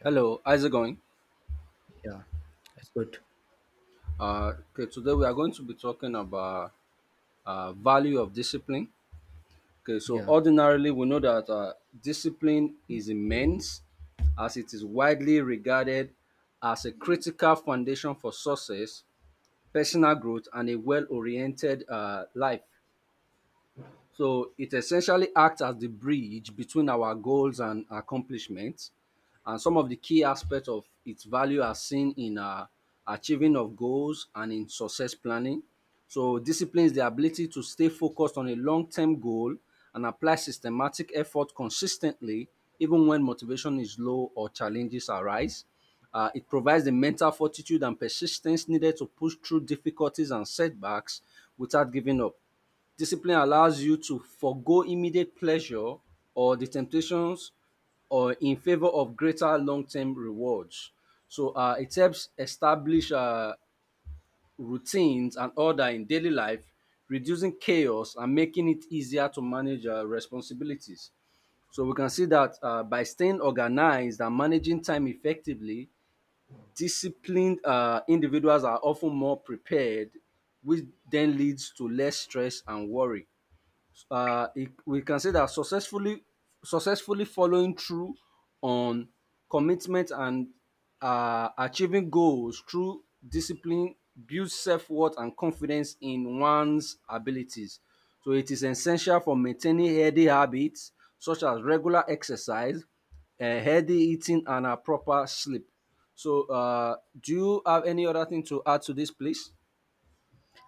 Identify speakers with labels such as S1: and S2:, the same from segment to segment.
S1: Yeah,
S2: Hello, how's it going?
S1: yeah, that's good.
S2: Uh, okay, today we are going to be talking about value of discipline. Okay, so
S1: Yeah.
S2: ordinarily we know that discipline is immense, as it is widely regarded as a critical foundation for success, personal growth, and a well-oriented life. So it essentially acts as the bridge between our goals and accomplishments. And some of the key aspects of its value are seen in achieving of goals and in success planning. So discipline is the ability to stay focused on a long-term goal and apply systematic effort consistently, even when motivation is low or challenges arise. It provides the mental fortitude and persistence needed to push through difficulties and setbacks without giving up. Discipline allows you to forego immediate pleasure or the temptations or in favor of greater long-term rewards. So it helps establish routines and order in daily life, reducing chaos and making it easier to manage responsibilities. So we can see that by staying organized and managing time effectively, disciplined individuals are often more prepared, which then leads to less stress and worry. We can say that successfully following through on commitment and achieving goals through discipline builds self-worth and confidence in one's abilities, so it is essential for maintaining healthy habits such as regular exercise, healthy eating, and a proper sleep. So do you have any other thing to add to this, please?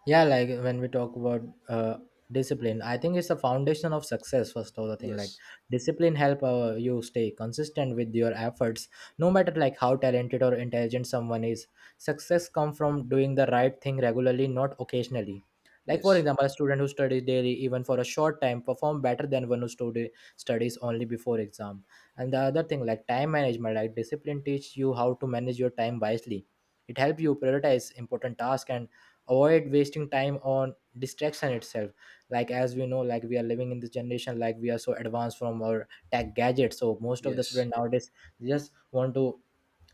S1: Yeah, like when we talk about uh, discipline, I think it's the foundation of success. First of the thing, like
S2: Yes,
S1: discipline help you stay consistent with your efforts, no matter like how talented or intelligent someone is. Success come from doing the right thing regularly, not occasionally. Like for
S2: yes,
S1: example, a student who studies daily even for a short time perform better than one who studies only before exam. And the other thing, like time management, like discipline teach you how to manage your time wisely. It help you prioritize important tasks and avoid wasting time on distraction itself. Like as we know, like we are living in this generation, like we are so advanced from our tech gadgets, so most of the
S2: yes,
S1: student nowadays just want to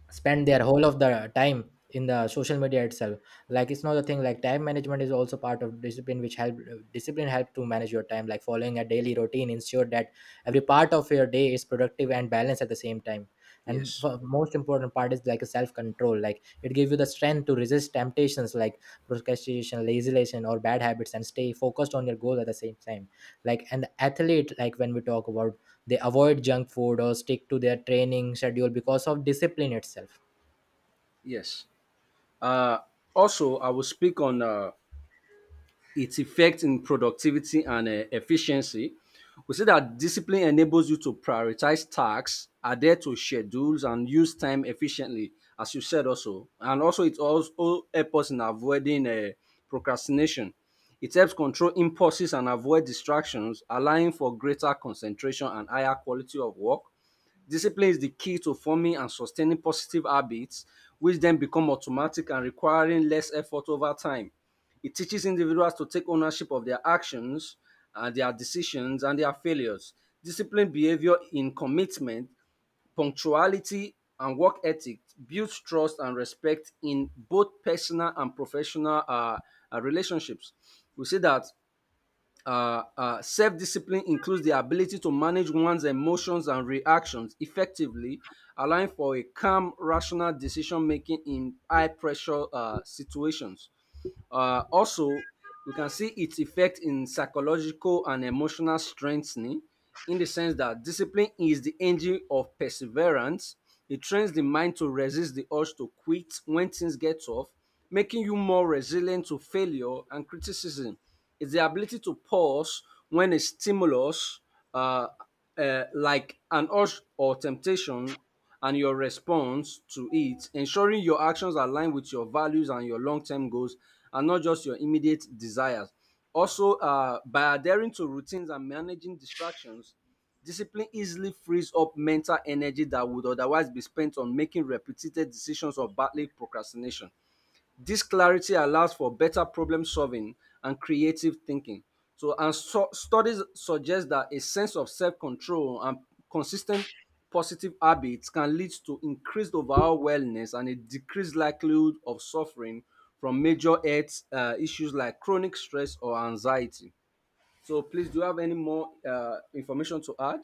S1: spend their whole of the time in the social media itself. Like it's not a thing, like time management is also part of discipline which help. Discipline help to manage your time, like following a daily routine ensure that every part of your day is productive and balanced at the same time. And
S2: yes,
S1: for most important part is like a self control, like it gives you the strength to resist temptations like procrastination, laziness or bad habits, and stay focused on your goal at the same time. Like an athlete, like when we talk about, they avoid junk food or stick to their training schedule because of discipline itself.
S2: yes. Uh, Also, I will speak on its effect in productivity and efficiency. We see that discipline enables you to prioritize tasks, adhere to schedules, and use time efficiently, as you said also. And also, it also helps us in avoiding procrastination. It helps control impulses and avoid distractions, allowing for greater concentration and higher quality of work. Discipline is the key to forming and sustaining positive habits, which then become automatic and requiring less effort over time. It teaches individuals to take ownership of their actions and their decisions and their failures. Disciplined behavior in commitment, punctuality, and work ethic builds trust and respect in both personal and professional relationships. We see that self discipline includes the ability to manage one's emotions and reactions effectively, allowing for a calm, rational decision making in high pressure situations. Also, we can see its effect in psychological and emotional strengthening in the sense that discipline is the engine of perseverance. It trains the mind to resist the urge to quit when things get tough, making you more resilient to failure and criticism. It's the ability to pause when a stimulus, uh, like an urge or temptation, and your response to it, ensuring your actions align with your values and your long term goals and not just your immediate desires. Also, by adhering to routines and managing distractions, discipline easily frees up mental energy that would otherwise be spent on making repeated decisions or battling procrastination. This clarity allows for better problem solving and creative thinking. So, and so, studies suggest that a sense of self control and consistent positive habits can lead to increased overall wellness and a decreased likelihood of suffering from major health issues like chronic stress or anxiety. So, please, do you have any more information to add?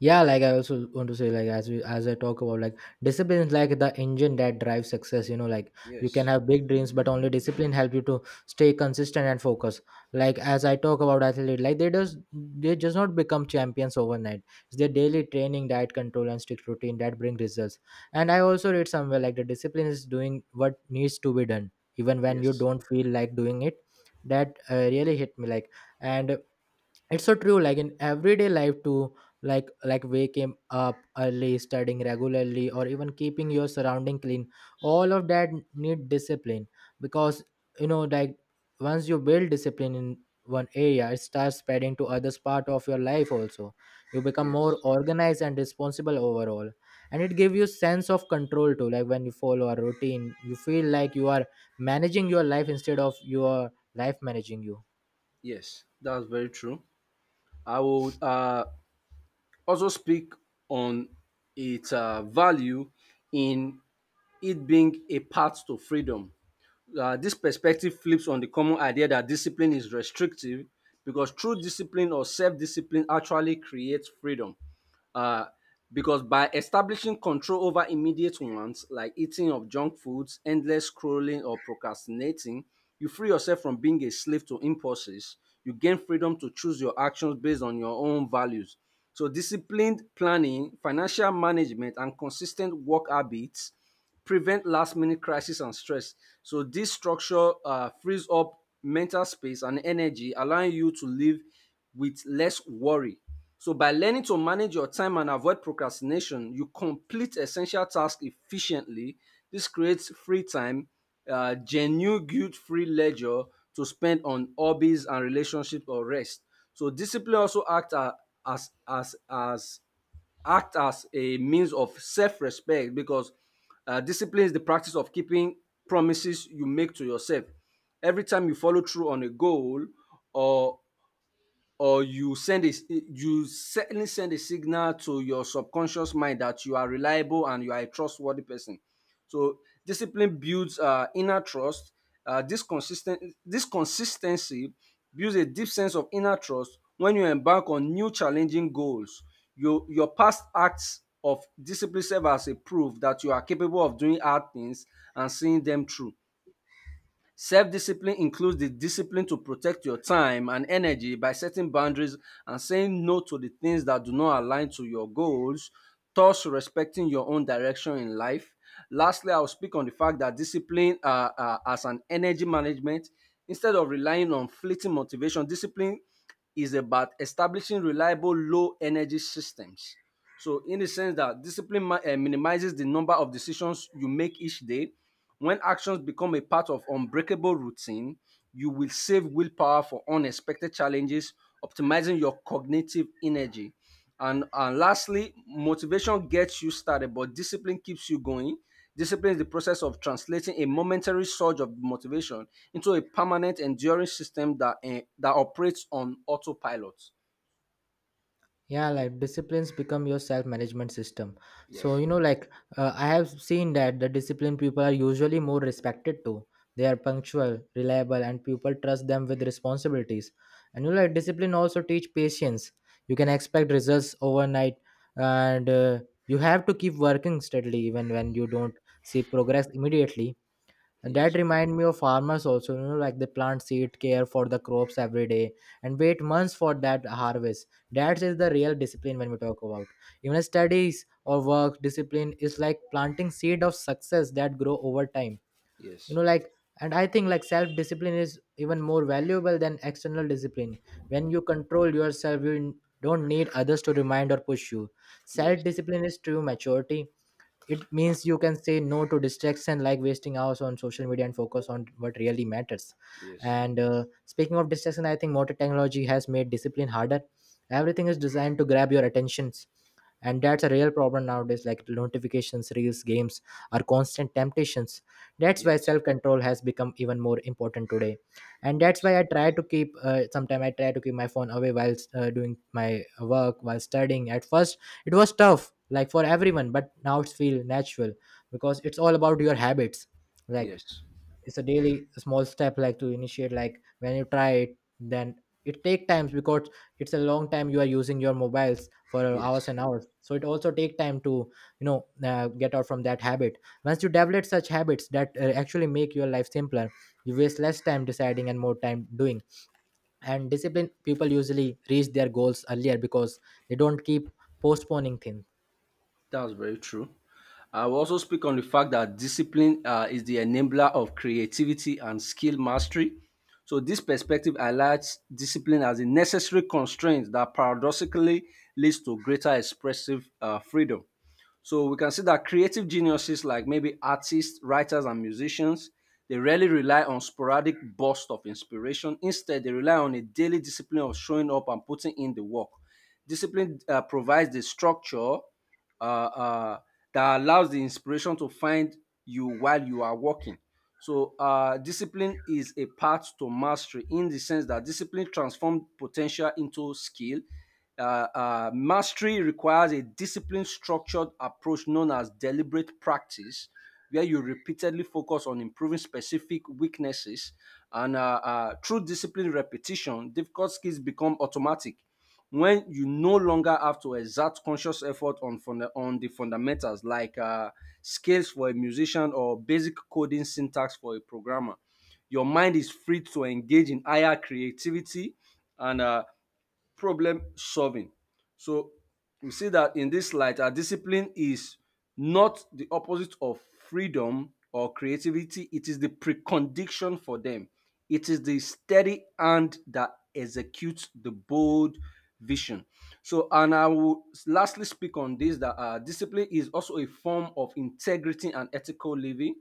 S1: Yeah, like I also want to say, like as we, as I talk about, like discipline is like the engine that drives success, you know, like you can
S2: Yes,
S1: have big dreams but only discipline help you to stay consistent and focus. Like as I talk about athlete, like they just not become champions overnight. It's their daily training, diet control and strict routine that bring results. And I also read somewhere, like the discipline is doing what needs to be done even when you
S2: yes,
S1: don't feel like doing it. That really hit me, like, and it's so true, like in everyday life too. Like waking up early, studying regularly, or even keeping your surrounding clean, all of that need discipline. Because, you know, like once you build discipline in one area, it starts spreading to others part of your life also. You become more
S2: yes,
S1: organized and responsible overall. And it gives you sense of control too, like when you follow a routine, you feel like you are managing your life instead of your life managing you.
S2: yes. That's very true. I would also speak on its value in it being a path to freedom. This perspective flips on the common idea that discipline is restrictive because true discipline or self discipline actually creates freedom. Uh, because by establishing control over immediate wants like eating of junk foods, endless scrolling, or procrastinating, you free yourself from being a slave to impulses. You gain freedom to choose your actions based on your own values. So, disciplined planning, financial management, and consistent work habits prevent last minute crisis and stress. So this structure frees up mental space and energy, allowing you to live with less worry. So by learning to manage your time and avoid procrastination, you complete essential tasks efficiently. This creates free time, genuine guilt-free leisure to spend on hobbies and relationships or rest. So discipline also acts as as as as act as a means of self-respect, because discipline is the practice of keeping promises you make to yourself. Every time you follow through on a goal or or you certainly send a signal to your subconscious mind that you are reliable and you are a trustworthy person. So discipline builds inner trust. This consistency builds a deep sense of inner trust. When you embark on new challenging goals, your past acts of discipline serve as a proof that you are capable of doing hard things and seeing them through. Self discipline includes the discipline to protect your time and energy by setting boundaries and saying no to the things that do not align to your goals, thus respecting your own direction in life. Lastly, I'll speak on the fact that discipline as an energy management, instead of relying on fleeting motivation, discipline is about establishing reliable low energy systems. So, in the sense that discipline minimizes the number of decisions you make each day, when actions become a part of unbreakable routine, you will save willpower for unexpected challenges, optimizing your cognitive energy. And lastly, motivation gets you started, but discipline keeps you going. Discipline is the process of translating a momentary surge of motivation into a permanent, enduring system that operates on autopilot.
S1: Yeah, like disciplines become your self management system. So,
S2: Yes,
S1: you know, like I have seen that the disciplined people are usually more respected too. They are punctual, reliable, and people trust them with responsibilities. And you know, like discipline also teach patience. You can expect results overnight, and you have to keep working steadily even when you don't see progress immediately. And that
S2: yes,
S1: remind me of farmers also, you know, like they plant seed, care for the crops every day, and wait months for that harvest. That is the real discipline when we talk about. Even studies or work discipline is like planting seed of success that grow over time. You
S2: yes,
S1: know, like, and I think like self discipline is even more valuable than external discipline. When you control yourself, you don't need others to remind or push you.
S2: yes,
S1: Self discipline is true maturity. It means you can say no to distraction like wasting hours on social media and focus on what really matters.
S2: yes,
S1: And speaking of distraction, I think modern technology has made discipline harder. Everything is designed to grab your attentions, and that's a real problem nowadays. Like notifications, reels, games are constant temptations. That's why
S2: yes,
S1: self-control has become even more important today. And that's
S2: yes,
S1: why I try to keep sometimes I try to keep my phone away while doing my work, while studying. At first it was tough, like for everyone, but now it's feel natural, because it's all about your habits. Like
S2: yes,
S1: it's a daily small step, like to initiate. Like when you try it, then it take times, because it's a long time you are using your mobiles for hours
S2: yes.
S1: and hours. So it also take time to, you know, get out from that habit. Once you develop such habits that actually make your life simpler, you waste less time deciding and more time doing. And disciplined people usually reach their goals earlier because they don't keep postponing things.
S2: That's very true. I will also speak on the fact that discipline is the enabler of creativity and skill mastery. So, this perspective highlights discipline as a necessary constraint that paradoxically leads to greater expressive freedom. So we can see that creative geniuses like maybe artists, writers, and musicians, they rarely rely on sporadic bursts of inspiration. Instead, they rely on a daily discipline of showing up and putting in the work. Discipline provides the structure uh, uh, that allows the inspiration to find you while you are working. So discipline is a path to mastery in the sense that discipline transforms potential into skill. Uh, Mastery requires a disciplined, structured approach known as deliberate practice, where you repeatedly focus on improving specific weaknesses. And through disciplined repetition, difficult skills become automatic. When you no longer have to exert conscious effort on on the fundamentals, like scales for a musician or basic coding syntax for a programmer, your mind is free to engage in higher creativity and problem solving. So we see that in this light, our discipline is not the opposite of freedom or creativity, it is the precondition for them. It is the steady hand that executes the bold vision. So, and I will lastly speak on this, that discipline is also a form of integrity and ethical living,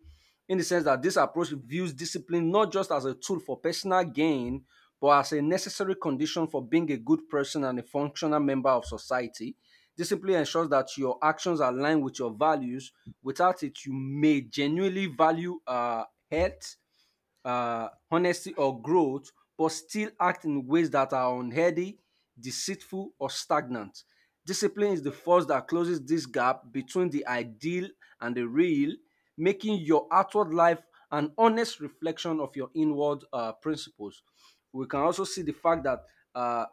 S2: in the sense that this approach views discipline not just as a tool for personal gain, but as a necessary condition for being a good person and a functional member of society. Discipline ensures that your actions align with your values. Without it, you may genuinely value health, honesty, or growth, but still act in ways that are unhealthy, deceitful, or stagnant. Discipline is the force that closes this gap between the ideal and the real, making your outward life an honest reflection of your inward principles. We can also see the fact that uh,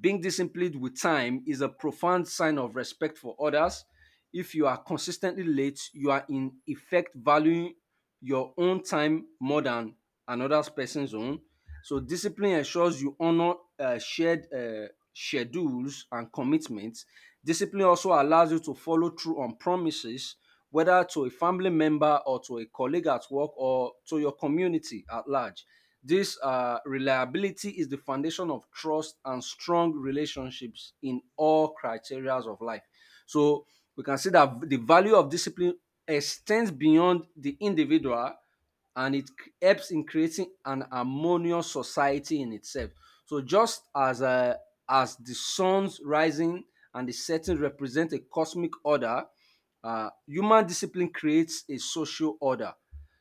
S2: being disciplined with time is a profound sign of respect for others. If you are consistently late, you are in effect valuing your own time more than another person's own. So, discipline ensures you honor shared schedules and commitments. Discipline also allows you to follow through on promises, whether to a family member or to a colleague at work or to your community at large. This reliability is the foundation of trust and strong relationships in all criteria of life. So we can see that the value of discipline extends beyond the individual, and helps in creating an harmonious society in itself. So just as the sun's rising and the setting represent a cosmic order, human discipline creates a social order.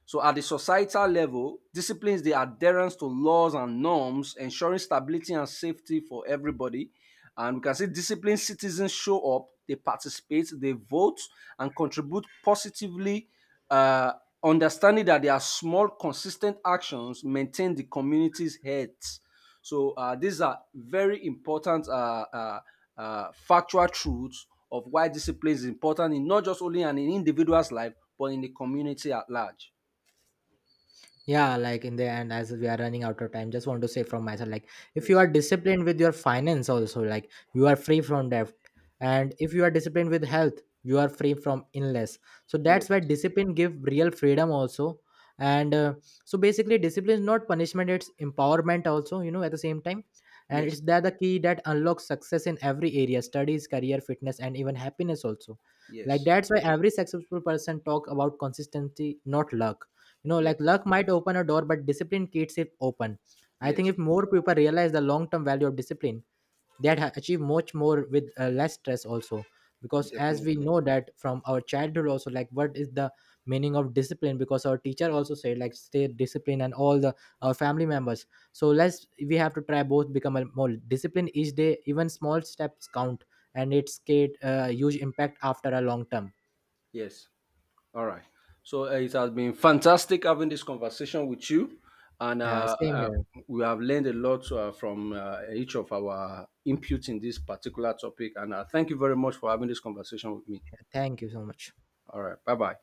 S2: So at the societal level, disciplines the adherence to laws and norms, ensuring stability and safety for everybody. And we can see disciplined citizens show up, they participate, they vote, and contribute positively, uh, understanding that their small, consistent actions maintain the community's health. So these are very important factual truths of why discipline is important in not just only an individual's life, but in the community at large.
S1: Yeah, like in the end, as we are running out of time, just want to say from myself, like if you are
S2: Yes,
S1: disciplined with your finance also, like you are free from debt, and if you are disciplined with health, you are free from illness. So that's
S2: yes,
S1: why discipline give real freedom also. And so basically discipline is not punishment, it's empowerment also, you know, at the same time. And
S2: yes,
S1: it's that the key that unlocks success in every area, studies, career, fitness, and even happiness also. Like
S2: yes,
S1: that's why every successful person talk about consistency, not luck. You know, like
S2: yes,
S1: luck might open a door but discipline keeps it open. I think
S2: yes,
S1: if more people realize the long term value of discipline, achieve much more with less stress also. Because as we
S2: definitely.
S1: know that from our childhood also, like what is the meaning of discipline, because our teacher also said like stay disciplined, and all the our family members. So let's, we have to try both, become a more disciplined each day, even small steps count, and it's create a huge impact after a long term.
S2: Yes. All right. So it has been fantastic having this conversation with you, and
S1: Yeah, same here.
S2: we have learned a lot from each of our input in this particular topic. And thank you very much for having this conversation with me.
S1: Thank you so much.
S2: All right. Bye bye.